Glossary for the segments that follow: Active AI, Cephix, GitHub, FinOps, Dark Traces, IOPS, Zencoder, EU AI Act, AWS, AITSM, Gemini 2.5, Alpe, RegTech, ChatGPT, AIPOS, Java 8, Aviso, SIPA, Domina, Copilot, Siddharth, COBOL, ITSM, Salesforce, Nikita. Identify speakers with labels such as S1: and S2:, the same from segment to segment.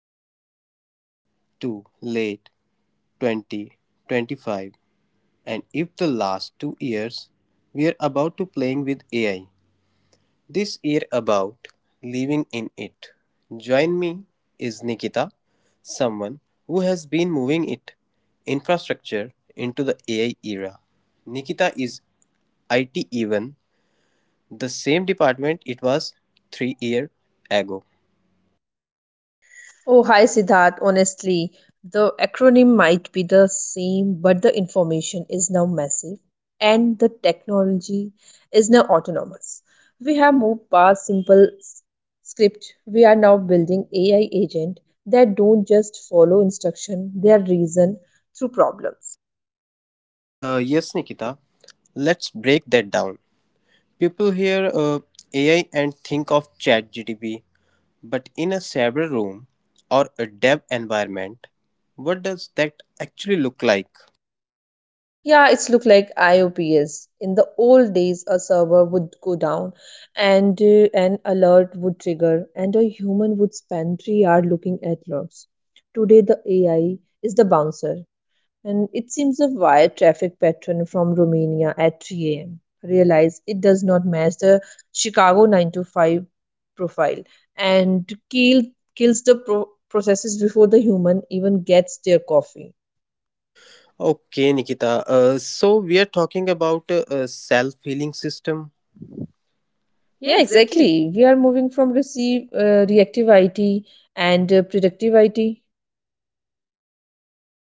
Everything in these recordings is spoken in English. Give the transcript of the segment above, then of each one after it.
S1: sitting here to late 2025 and if the last 2 years we are about to playing with AI. This year about living in it. Join me is Nikita, someone who has been moving it infrastructure into the AI era. Nikita is IT even the same department it was 3 year ago.
S2: Oh, hi Siddharth. Honestly, the acronym might be the same, but the information is now massive and the technology is now autonomous. We have moved past simple script. We are now building AI agent that don't just follow instruction, they are reason through problems.
S1: Yes, Nikita. Let's break that down. People hear AI and think of ChatGPT, but in a server room or a dev environment, what does that actually look like?
S2: Yeah, it's look like IOPS. In the old days, a server would go down, and an alert would trigger, and a human would spend 3 hours looking at logs. Today, the AI is the bouncer, and it seems a wire traffic pattern from Romania at 3 a.m. Realize it does not match the Chicago 9 to 5 profile, and kills the processes before the human even gets their coffee.
S1: Okay, Nikita. So we are talking about a self-healing system.
S2: Yeah,
S1: Yeah, exactly.
S2: exactly. We are moving from receive reactive IT and predictive IT.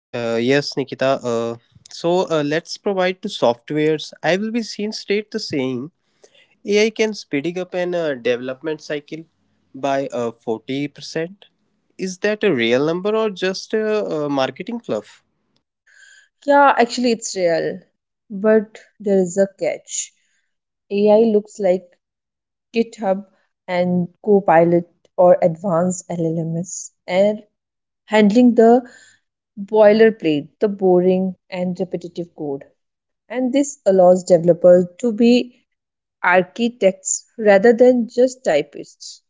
S1: Yes, Nikita. So let's provide to softwares. I will be seen state the same. AI can speeding up an development cycle by 40%. Is that a real number or just a marketing fluff?
S2: Yeah, actually, it's real. But there is a catch. AI looks like GitHub and Copilot or advanced LLMs and handling the boilerplate, the boring and repetitive code. And this allows developers to be architects rather than just typists.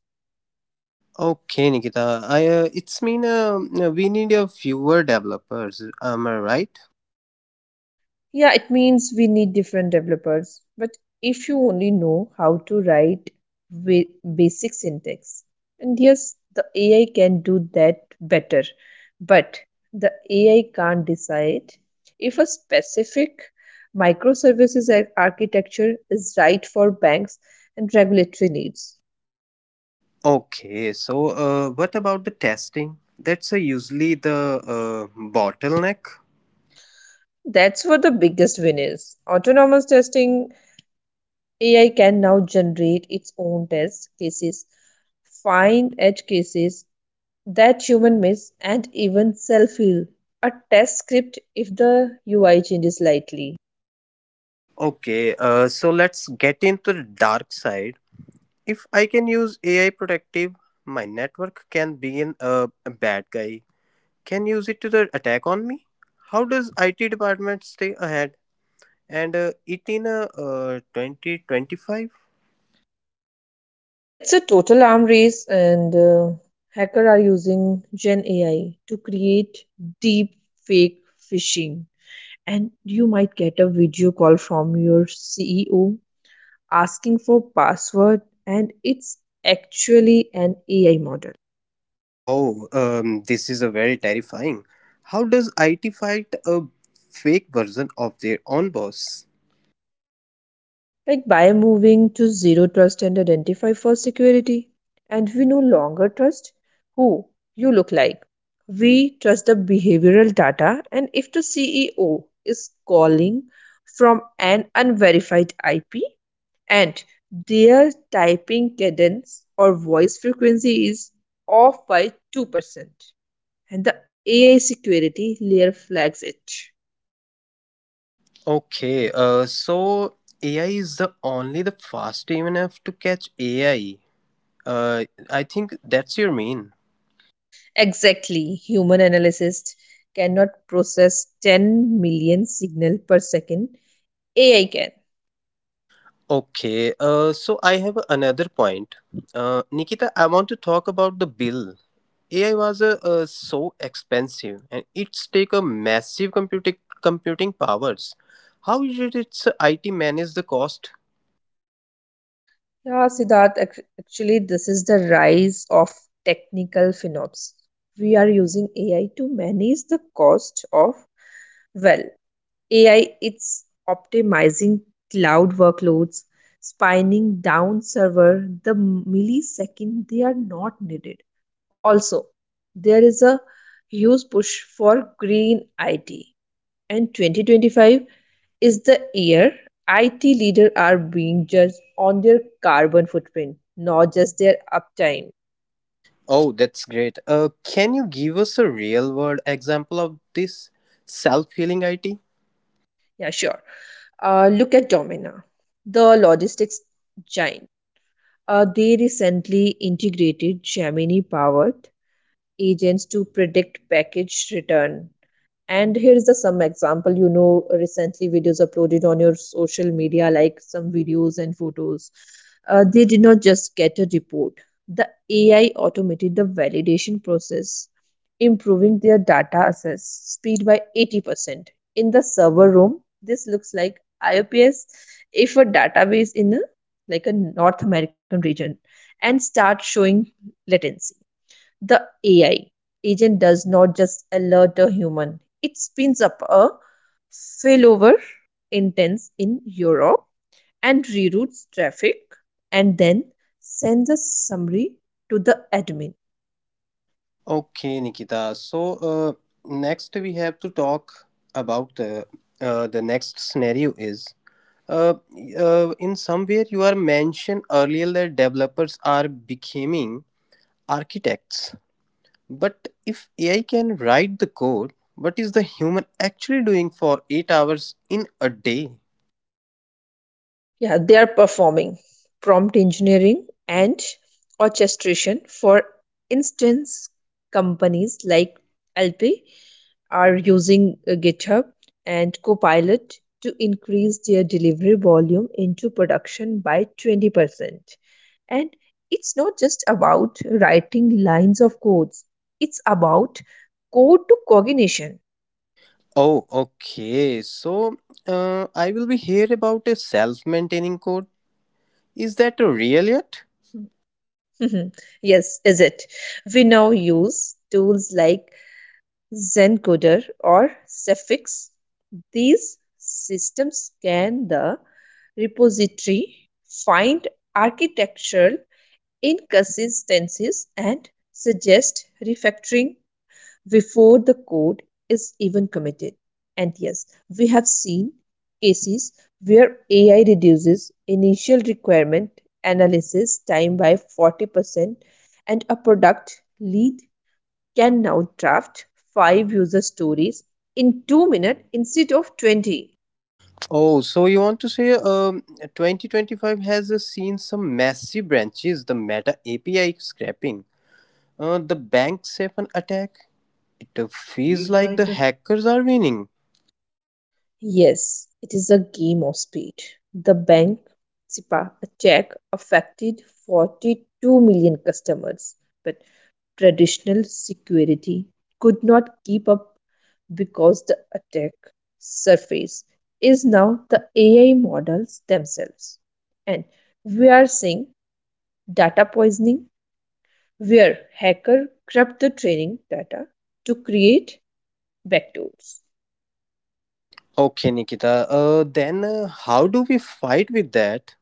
S1: Okay, Nikita. I it's mean we need a fewer developers. Am I right?
S2: Yeah, it means we need different developers. But if you only know how to write basic syntax, and yes, the AI can do that better, but the AI can't decide if a specific microservices architecture is right for banks and regulatory needs.
S1: Okay. So, what about the testing? That's usually the bottleneck.
S2: That's where the biggest win is. Autonomous testing AI can now generate its own test cases, find edge cases that human miss and even self heal. A test script if the UI changes slightly.
S1: Okay. So let's get into the dark side. If I can use AI productive, my network can be a bad guy. Can use it to the attack on me? How does IT department stay ahead and it in 2025?
S2: Yeah, it's a total arm race, and hackers are using Gen AI to create deep fake phishing. And you might get a video call from your CEO asking for password, and it's actually an AI model.
S1: Oh, this is a very terrifying. How does IT fight a fake version of their own boss?
S2: Like by moving to zero trust and identify for security, and we no longer trust who you look like. We trust the behavioral data, and if the CEO is calling from an unverified IP, and their typing cadence or voice frequency is off by 2%, and the AI security layer flags it.
S1: Okay, so AI is the only the fast enough to catch AI. I think that's your mean.
S2: Exactly. Human analysts cannot process 10 million signal per second. AI can.
S1: Okay, so I have another point. Nikita, I want to talk about the bill. AI was so expensive and it's take a massive computing powers. How did its IT manage the cost?
S2: Yeah, Siddharth, actually, this is the rise of technical FinOps. We are using AI to manage the cost of, well, AI. It's optimizing cloud workloads, spinning down server the millisecond they are not needed. Also, there is a huge push for green IT, and 2025 is the year IT leaders are being judged on their carbon footprint, not just their uptime.
S1: Oh, that's great. Can you give us a real world example of this self healing IT?
S2: Yeah, sure. Look at Domina, the logistics giant. They recently integrated Gemini-powered agents to predict package return. And here's the some example, you know, recently videos uploaded on your social media, like some videos and photos. They did not just get a report. The AI automated the validation process, improving their data access speed by 80%. In the server room, this looks like IOPS if a database in a like a North American region and start showing latency. The AI agent does not just alert a human, it spins up a failover instance in Europe and reroutes traffic and then sends a summary to the admin.
S1: Okay, Nikita. So uh, next we have to talk about the next scenario is uh, in somewhere you are mentioned earlier that developers are becoming architects. But if AI can write the code, what is the human actually doing for 8 hours in a day?
S2: Yeah, they are performing prompt engineering and orchestration. For instance, companies like Alpe are using GitHub and Copilot to increase their delivery volume into production by 20%. And it's not just about writing lines of codes, it's about code to cognition.
S1: Oh, okay. So, I will be here about a self maintaining code. Is that real yet?
S2: Yes, is it? We now use tools like Zencoder or Cephix. These systems scan the repository, find architectural inconsistencies and suggest refactoring before the code is even committed. And yes, we have seen cases where AI reduces initial requirement analysis time by 40%, and a product lead can now draft 5 user stories in 2 minutes instead of 20.
S1: Oh, so you want to say 2025 has seen some massive branches, the Meta API scrapping, the bank Safen attack. It feels like the hackers are winning.
S2: Yes, it is a game of speed. The bank SIPA attack affected 42 million customers, but traditional security could not keep up because the attack surface is now the AI models themselves. And we are seeing data poisoning where hacker corrupt the training data to create backdoors.
S1: Okay, Nikita, then how do we fight with that?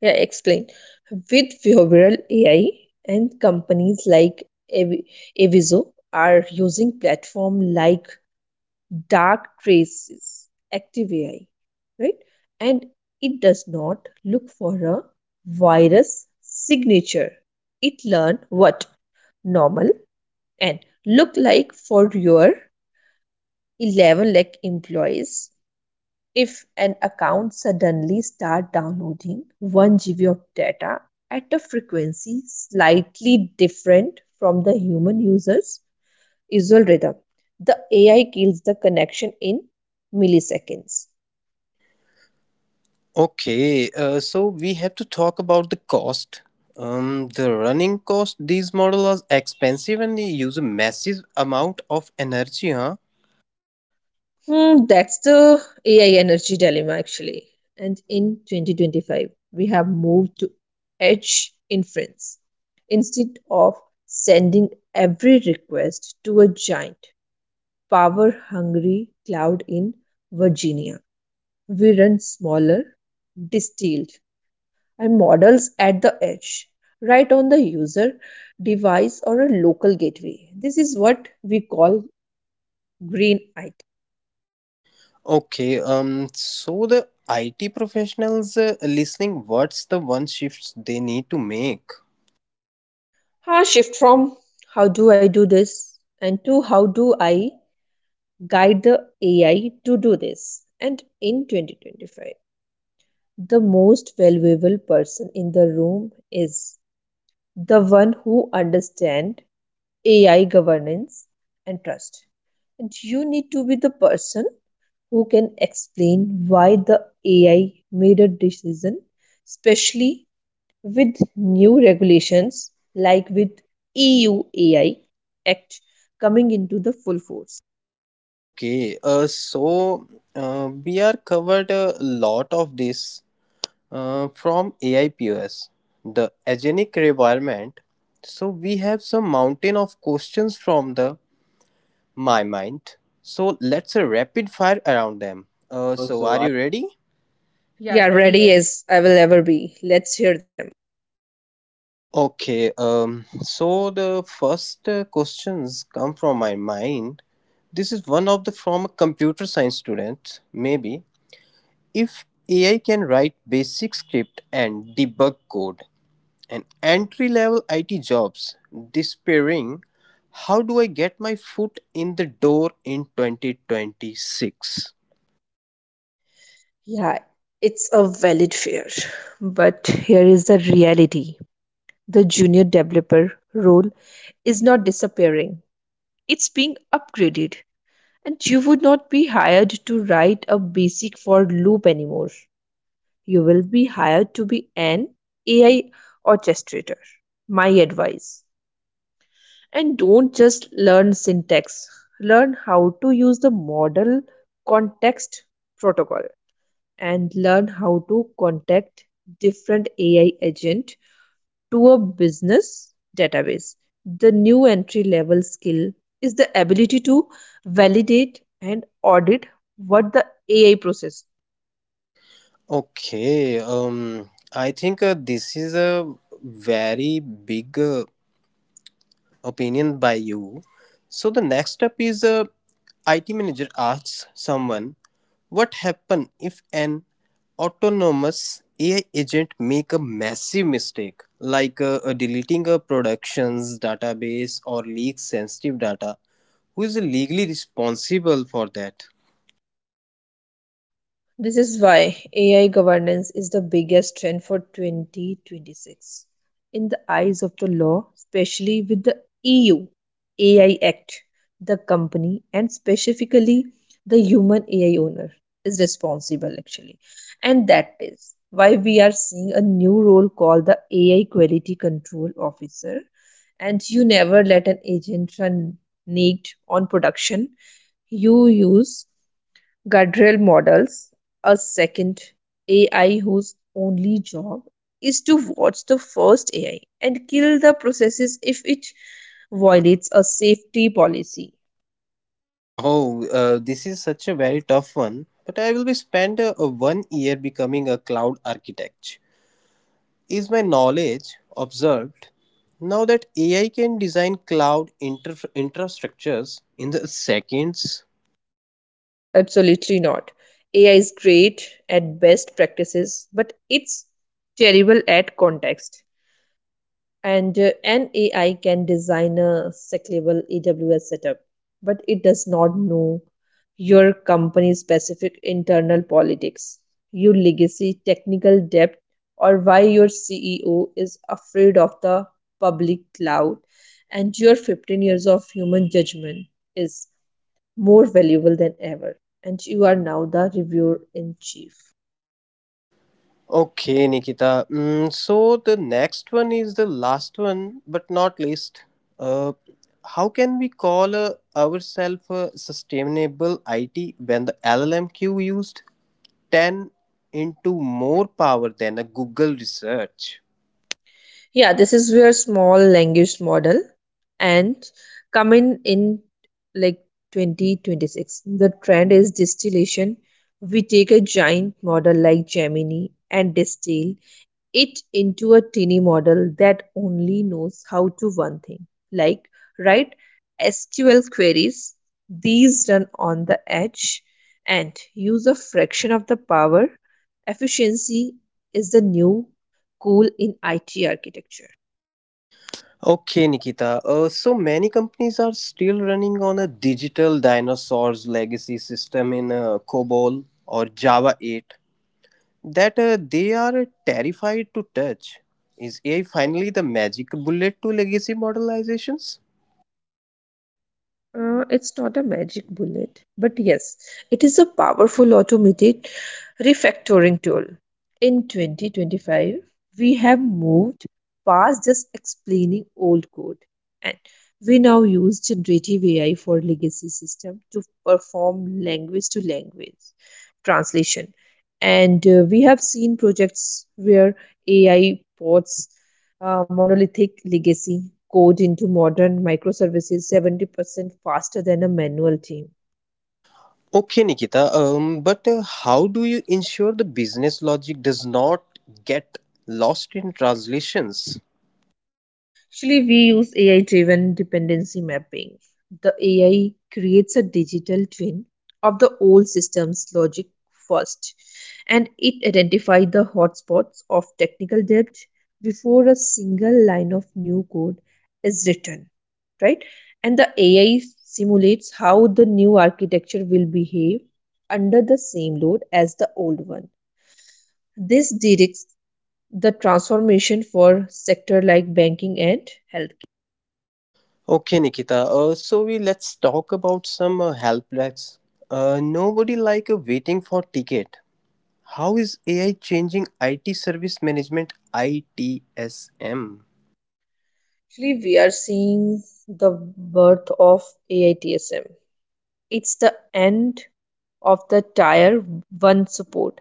S2: Yeah, explain. With behavioral AI, and companies like Avi- Aviso are using platform like Dark Traces, Active AI, right? And it does not look for a virus signature. It learn what normal and look like for your 11 lakh employees. If an account suddenly start downloading 1 GB of data at a frequency slightly different from the human user's usual rhythm, the AI kills the connection in milliseconds.
S1: Okay, so we have to talk about the cost. The running cost, these models are expensive and they use a massive amount of energy, huh?
S2: Hmm, that's the AI energy dilemma actually. And in 2025, we have moved to edge inference. Instead of sending every request to a giant, power-hungry cloud in Virginia. We run smaller, distilled, and models at the edge, right on the user device or a local gateway. This is what we call green eye.
S1: Okay, so the IT professionals listening, what's the one shifts they need to make?
S2: Ah, shift from how do I do this and to how do I guide the AI to do this. And in 2025, the most valuable person in the room is the one who understands AI governance and trust. And you need to be the person who can explain why the AI made a decision, especially with new regulations like with EU AI Act coming into the full force.
S1: Okay, so we are covered a lot of this from AIPOS, the agenic requirement. So we have some mountain of questions from the My mind. So let's rapid fire around them. So are you ready? Yeah,
S2: Yeah,
S1: ready
S2: ready
S1: is.
S2: as I will ever be. Let's hear them.
S1: Okay, so the first questions come from my mind. This is one of the from a computer science student, maybe. If AI can write basic script and debug code and entry level IT jobs despairing, how do I get my foot in the door in 2026?
S2: Yeah, it's a valid fear. But here is the reality: the junior developer role is not disappearing, it's being upgraded, and you would not be hired to write a basic for loop anymore. You will be hired to be an AI orchestrator. My advice: and don't just learn syntax, learn how to use the model context protocol, and learn how to contact different AI agent to a business database. The new entry level skill is the ability to validate and audit what the AI process.
S1: Okay, I think this is a very big opinion by you. So the next step is IT manager asks someone, "What happen if an autonomous AI agent make a massive mistake, like deleting a production's database or leaks sensitive data? Who is legally responsible for that?"
S2: This is why AI governance is the biggest trend for 2026. In the eyes of the law, especially with the EU AI Act, the company and specifically the human AI owner is responsible actually. And that is why we are seeing a new role called the AI Quality Control Officer. And you never let an agent run naked on production. You use guardrail models, a second AI whose only job is to watch the first AI and kill the processes if it violates a safety policy.
S1: Oh, this is such a very tough one. But I will be spend 1 year becoming a cloud architect. Is my knowledge observed now that AI can design cloud infrastructures in the seconds?
S2: No, absolutely not. AI is great at best practices, but it's terrible at context. And an AI can design a scalable AWS setup, but it does not know your company's specific internal politics, your legacy, technical debt, or why your CEO is afraid of the public cloud, and your 15 years of human judgment is more valuable than ever, and you are now the reviewer in chief.
S1: Okay, Nikita. So the next one is the last one, but not least. Uh, how can we call ourselves a sustainable IT when the LLMQ used? 10 into more power than a Google research.
S2: Yeah, this is where small language model and come in like 2026. The trend is distillation. We take a giant model like Gemini and distill it into a tiny model that only knows how to one thing, like write SQL queries. These run on the edge and use a fraction of the power. Efficiency is the new cool in IT architecture.
S1: Okay, Nikita. So many companies are still running on a digital dinosaurs legacy system in COBOL or Java 8 that they are terrified to touch. Is AI finally the magic bullet to legacy modelizations?
S2: It's not a magic bullet, but yes, it is a powerful automated refactoring tool. In 2025, we have moved past just explaining old code, and we now use generative AI for legacy system to perform language to language translation. And we have seen projects where AI bots monolithic legacy code into modern microservices 70% faster than a manual team.
S1: Okay, Nikita. But how do you ensure the business logic does not get lost in translations?
S2: Actually, we use AI driven dependency mapping. The AI creates a digital twin of the old system's logic first, and it identifies the hotspots of technical debt before a single line of new code is written, right? And the AI simulates how the new architecture will behave under the same load as the old one. This directs the transformation for sector like banking and healthcare.
S1: Okay, Nikita. So we let's talk about some help desks. Nobody like waiting for ticket. How is AI changing IT service management ITSM?
S2: Actually, we are seeing the birth of AITSM. It's the end of the tier 1 support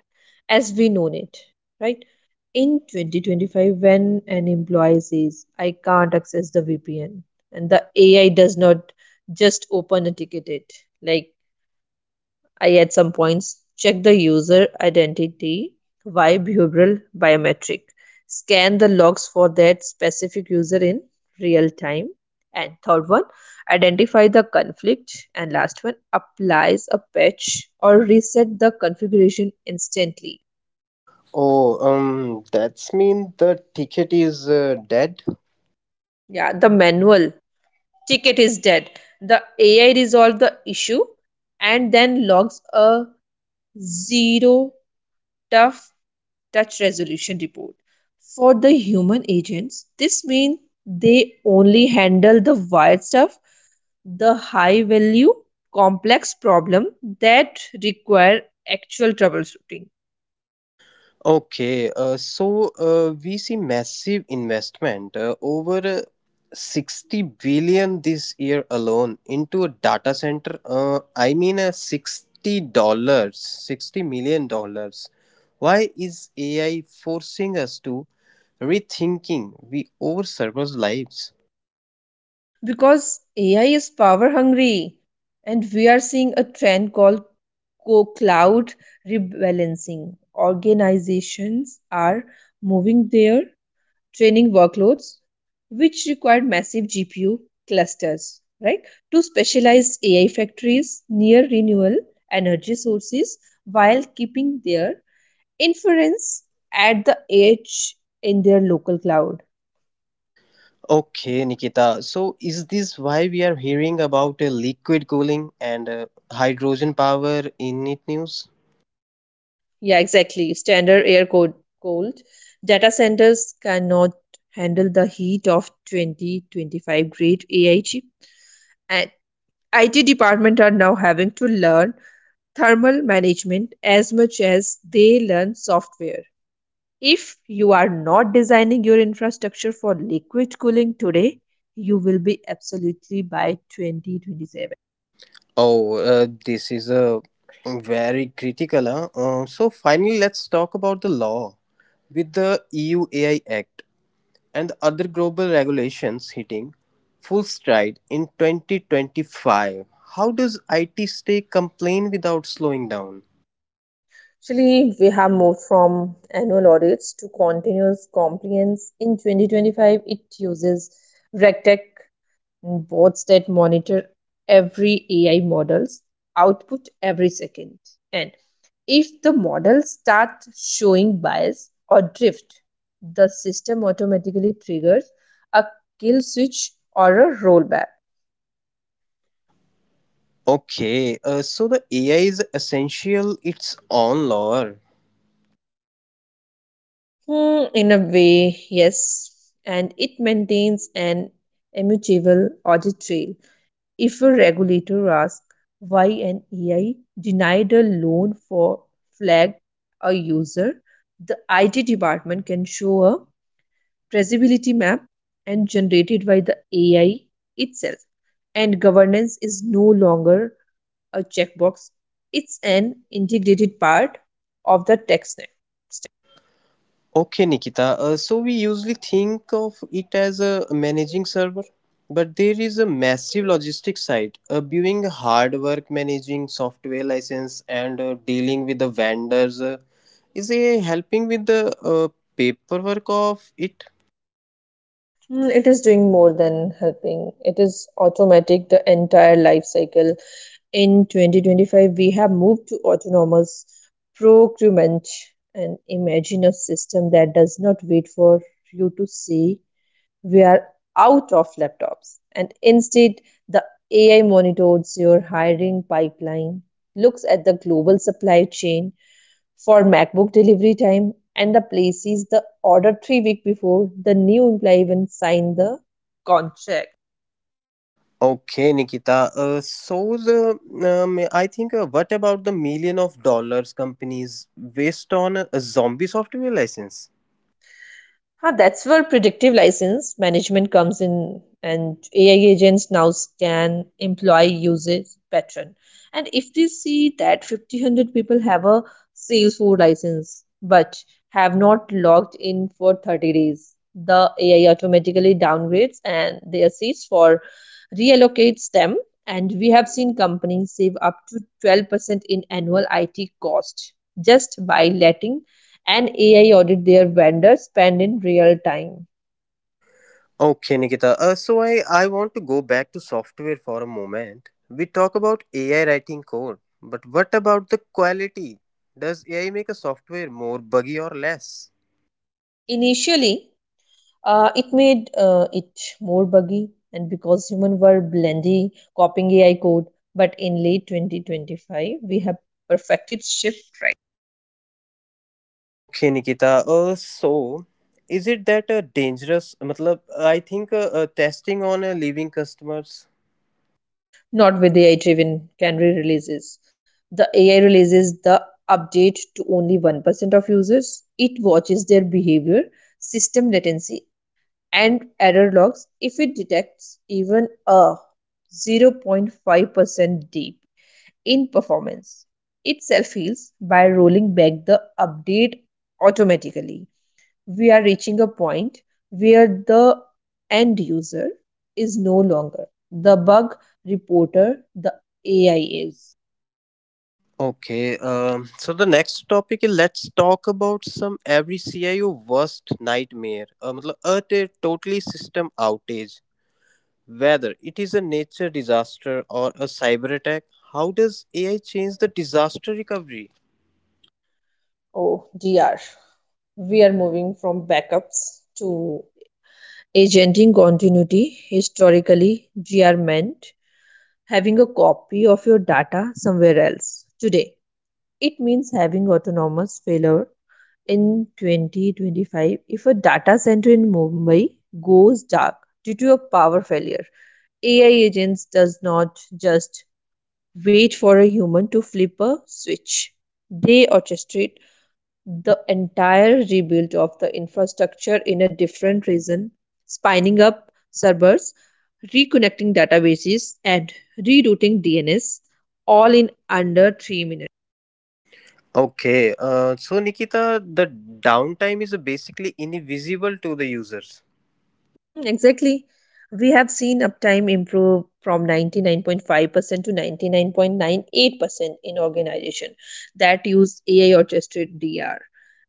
S2: as we know it, right? In 2025, when an employee says, I can't access the VPN, and the AI does not just open a ticket, it like I at some points check the user identity via behavioral biometric, scan the logs for that specific user in real time, and third one, identify the conflict, and last one, applies a patch or reset the configuration instantly.
S1: Oh, that's mean the ticket is dead.
S2: Yeah, the manual ticket is dead. The AI resolved the issue and then logs a zero tough touch resolution report. For the human agents, this means they only handle the wild stuff, the high value, complex problem that require actual troubleshooting.
S1: Okay, so we see massive investment over 60 billion this year alone into a data center. I mean, $60, $60 million. Why is AI forcing us to rethinking we our servers' lives?
S2: Because AI is power hungry, and we are seeing a trend called co cloud rebalancing. Organizations are moving their training workloads, which required massive GPU clusters, right? To specialized AI factories near renewable energy sources while keeping their inference at the edge in their local cloud.
S1: Okay, Nikita. So, is this why we are hearing about liquid cooling and hydrogen power in it news?
S2: Yeah, exactly. Standard air code cold. Data centers cannot handle the heat of 2025 grade AI chip. And IT department are now having to learn thermal management as much as they learn software. If you are not designing your infrastructure for liquid cooling today, you will be absolutely by 2027.
S1: Oh, this is a very critical. Huh? So finally, let's talk about the law. With the EU AI Act and other global regulations hitting full stride in 2025, how does IT stay compliant without slowing down?
S2: Actually, we have moved from annual audits to continuous compliance. In 2025, it uses RegTech bots that monitor every AI model's output every second. And if the models start showing bias or drift, the system automatically triggers a kill switch or a rollback.
S1: Okay, so the AI is essential its own law.
S2: Hmm, in a way, yes, and it maintains an immutable audit trail. If a regulator asks why an AI denied a loan for flag a user, the IT department can show a traceability map and generated by the AI itself. And governance is no longer a checkbox, it's an integrated part of the tech stack.
S1: Okay, Nikita. So we usually think of it as a managing server, but there is a massive logistics side. Doing hard work, managing software license, and dealing with the vendors is a helping with the uh, paperwork of it.
S2: Mm, it is doing more than helping. It is automatic the entire life cycle. In 2025, we have moved to autonomous procurement and imagine a system that does not wait for you to say we are out of laptops and instead the AI monitors your hiring pipeline, looks at the global supply chain for macbook delivery time and the places the order 3 weeks before the new employee even signed the contract.
S1: Okay, Nikita. So the I think what about the million of dollars companies waste on a zombie software license?
S2: Ah, that's where predictive license management comes in, and AI agents now scan employee usage pattern. And if they see that 50, people have a Salesforce license but have not logged in for 30 days, the AI automatically downgrades and their seats for reallocates them. And we have seen companies save up to 12% in annual IT cost just by letting and AI audit their vendor spend in real time.
S1: Okay, Nikita. So I want to go back to software for a moment. We talk about AI writing code, but what about the quality? Does AI make a software more buggy or less?
S2: Initially, it made it more buggy, and because humans were blindly copying AI code, but in late 2025, we have perfected shift right,
S1: Okay, Nikita. So is it that dangerous? Matlab, I think testing on leaving customers.
S2: not with AI driven canary releases. The AI releases the update to only 1% of users. It watches their behavior, system latency, and error logs if it detects even a 0.5% dip in performance. It self heals by rolling back the update automatically. We are reaching a point where the end user is no longer the bug reporter, the AI is.
S1: Okay, so the next topic is let's talk about some every CIO worst nightmare. Matlab, a totally system outage. Whether it is a nature disaster or a cyber attack, how does AI change the disaster recovery?
S2: Oh, DR. We are moving from backups to agenting continuity. Historically, GR meant having a copy of your data somewhere else today. It means having autonomous failure in 2025 if a data center in Mumbai goes dark due to a power failure. AI agents does not just wait for a human to flip a switch. They orchestrate the entire rebuild of the infrastructure in a different region, spinning up servers, reconnecting databases, and rerouting DNS all in under 3 minutes.
S1: Okay, so Nikita, the downtime is basically invisible to the users.
S2: Hmm. Exactly. We have seen uptime improve from 99.5% to 99.98% in organization that use AI orchestrated DR.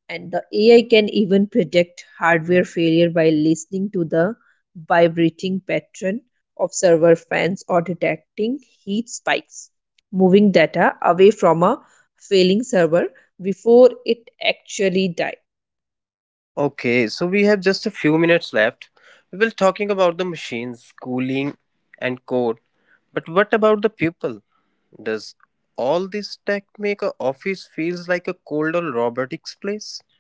S2: And the AI can even predict hardware failure by listening to the vibrating pattern of server fans or detecting heat spikes, moving data away from a failing server before it actually dies.
S1: Okay, so we have just a few minutes left. We will talking about the machines, cooling, and code. But what about the people? Does all this tech make a office feels like a cold or robotics place?
S2: Please?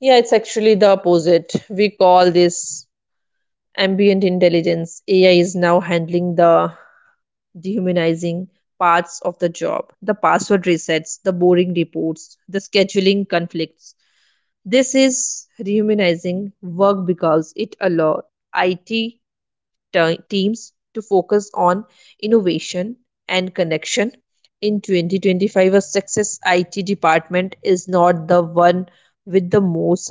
S2: Yeah, it's actually the opposite. We call this ambient intelligence. AI is now handling the dehumanizing parts of the job, the password resets, the boring reports, the scheduling conflicts. This is rehumanizing work because it allows IT te- teams to focus on innovation and connection. In 2025, a success IT department is not the one with the most,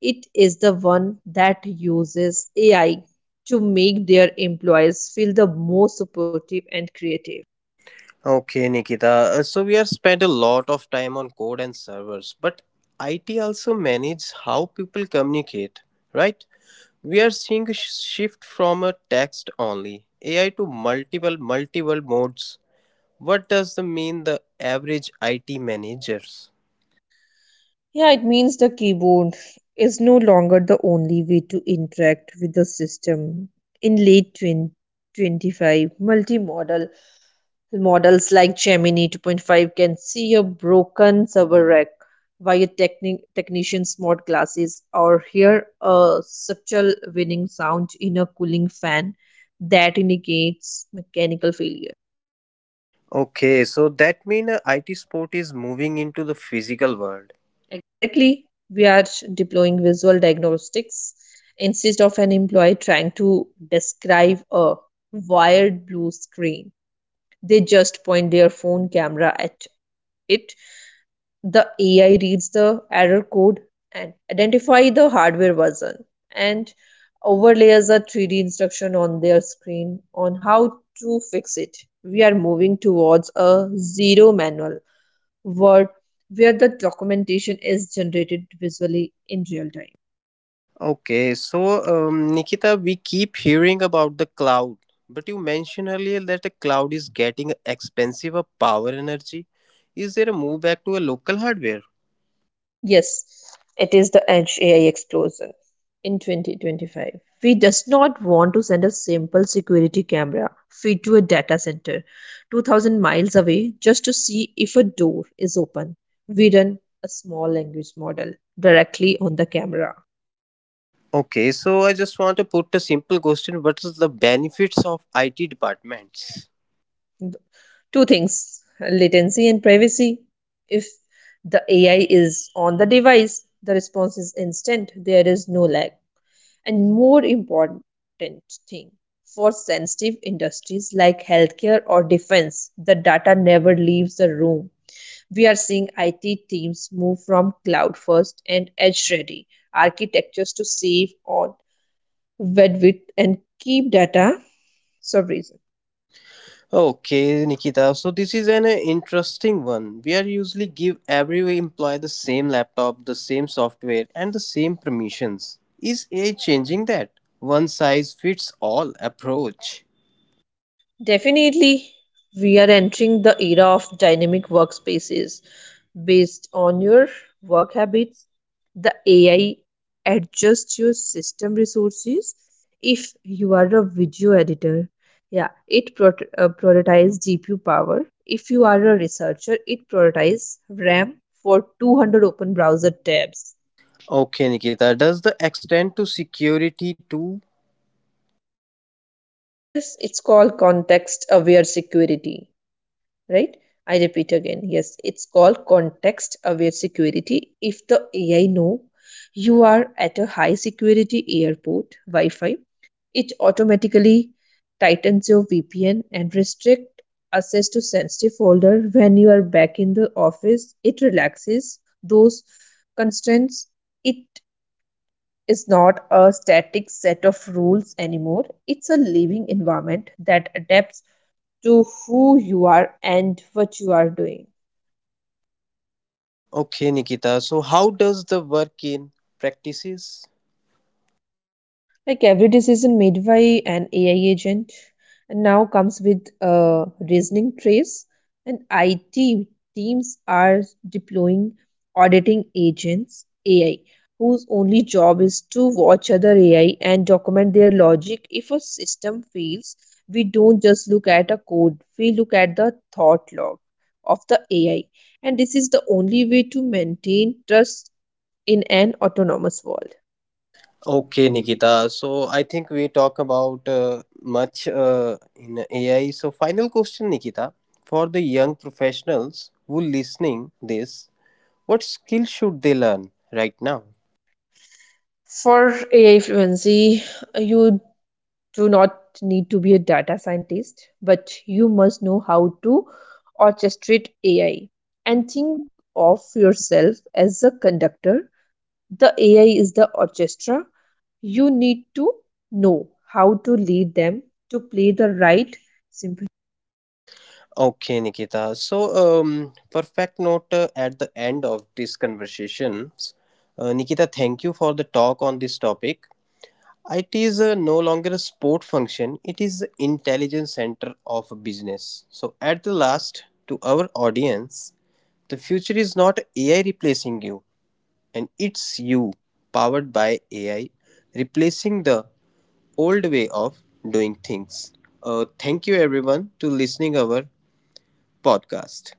S2: it is the one that uses AI to make their employees feel the most supportive and creative.
S1: Okay, Nikita. So we have spent a lot of time on code and servers, but IT also manages how people communicate, right? We are seeing a shift from a text only AI to multiple modes. What does the mean the average IT managers?
S2: Yeah, it means the keyboard is no longer the only way to interact with the system. In late 2025, multimodal models like Gemini 2.5 can see a broken server rack via technician smart glasses or hear a subtle whining sound in a cooling fan that indicates mechanical failure.
S1: Okay, so that means IT support is moving into the physical world.
S2: Exactly, we are deploying visual diagnostics instead of an employee trying to describe a wired blue screen. They just point their phone camera at it, the AI reads the error code and identify the hardware version and overlays a 3D instruction on their screen on how to fix it. We are moving towards a zero manual world where the documentation is generated visually in real time.
S1: Okay, so Nikita, we keep hearing about the cloud, but you mentioned earlier that the cloud is getting expensive of power energy. Is there a move back to a local hardware?
S2: Yes, it is the Edge AI explosion in 2025. We does not want to send a simple security camera feed to a data center 2000 miles away just to see if a door is open. We run a small language model directly on the camera.
S1: Okay, so I just want to put a simple question: What is the benefits of IT departments?
S2: Two things, latency and privacy. If the AI is on the device, the response is instant. There is no lag, and more important thing, for sensitive industries like healthcare or defense, the data never leaves the room. We are seeing it teams move from cloud first and edge ready architectures to save on bandwidth and keep data sovereign.
S1: Okay, Nikita. So this is an interesting one. We are usually give every employee the same laptop, the same software, and the same permissions. Is AI changing that? One size fits all approach.
S2: Definitely, we are entering the era of dynamic workspaces based on your work habits. The AI adjusts your system resources. If you are a video editor, yeah, it prioritizes GPU power. If you are a researcher, it prioritizes RAM for 200 open browser tabs.
S1: Okay, Nikita. Does the extend to security too?
S2: Yes, it's called context aware security. Right? I repeat again, yes, it's called context aware security. If the AI know you are at a high security airport Wi-Fi, it automatically tightens your VPN and restrict access to sensitive folder when you are back in the office. It relaxes those constraints. It is not a static set of rules anymore. It's a living environment that adapts to who you are and what you are doing.
S1: Okay, Nikita. So how does the work in practices?
S2: Like every decision made by an AI agent and now comes with a reasoning trace, and IT teams are deploying auditing agents AI whose only job is to watch other AI and document their logic. If a system fails, we don't just look at a code, we look at the thought log of the AI. And this is the only way to maintain trust in an autonomous world.
S1: Okay,
S2: Okay, Nikita.
S1: Nikita. So I think we talk about much in AI. So final question, Nikita, for the young professionals who listening this, what skill should they learn right now?
S2: For AI fluency, you do not need to be a data scientist, but you must know how to orchestrate AI and think of yourself as a conductor. The AI is the orchestra. You need to know how to lead them to play the right symphony.
S1: Okay, Nikita. So perfect note at the end of this conversation. Nikita, thank you for the talk on this topic. It is no longer a sport function, it is the intelligence center of a business. So, at the last, to our audience, the future is not AI replacing you, and it's you, powered by AI, replacing the old way of doing things. Thank you everyone to listening our podcast.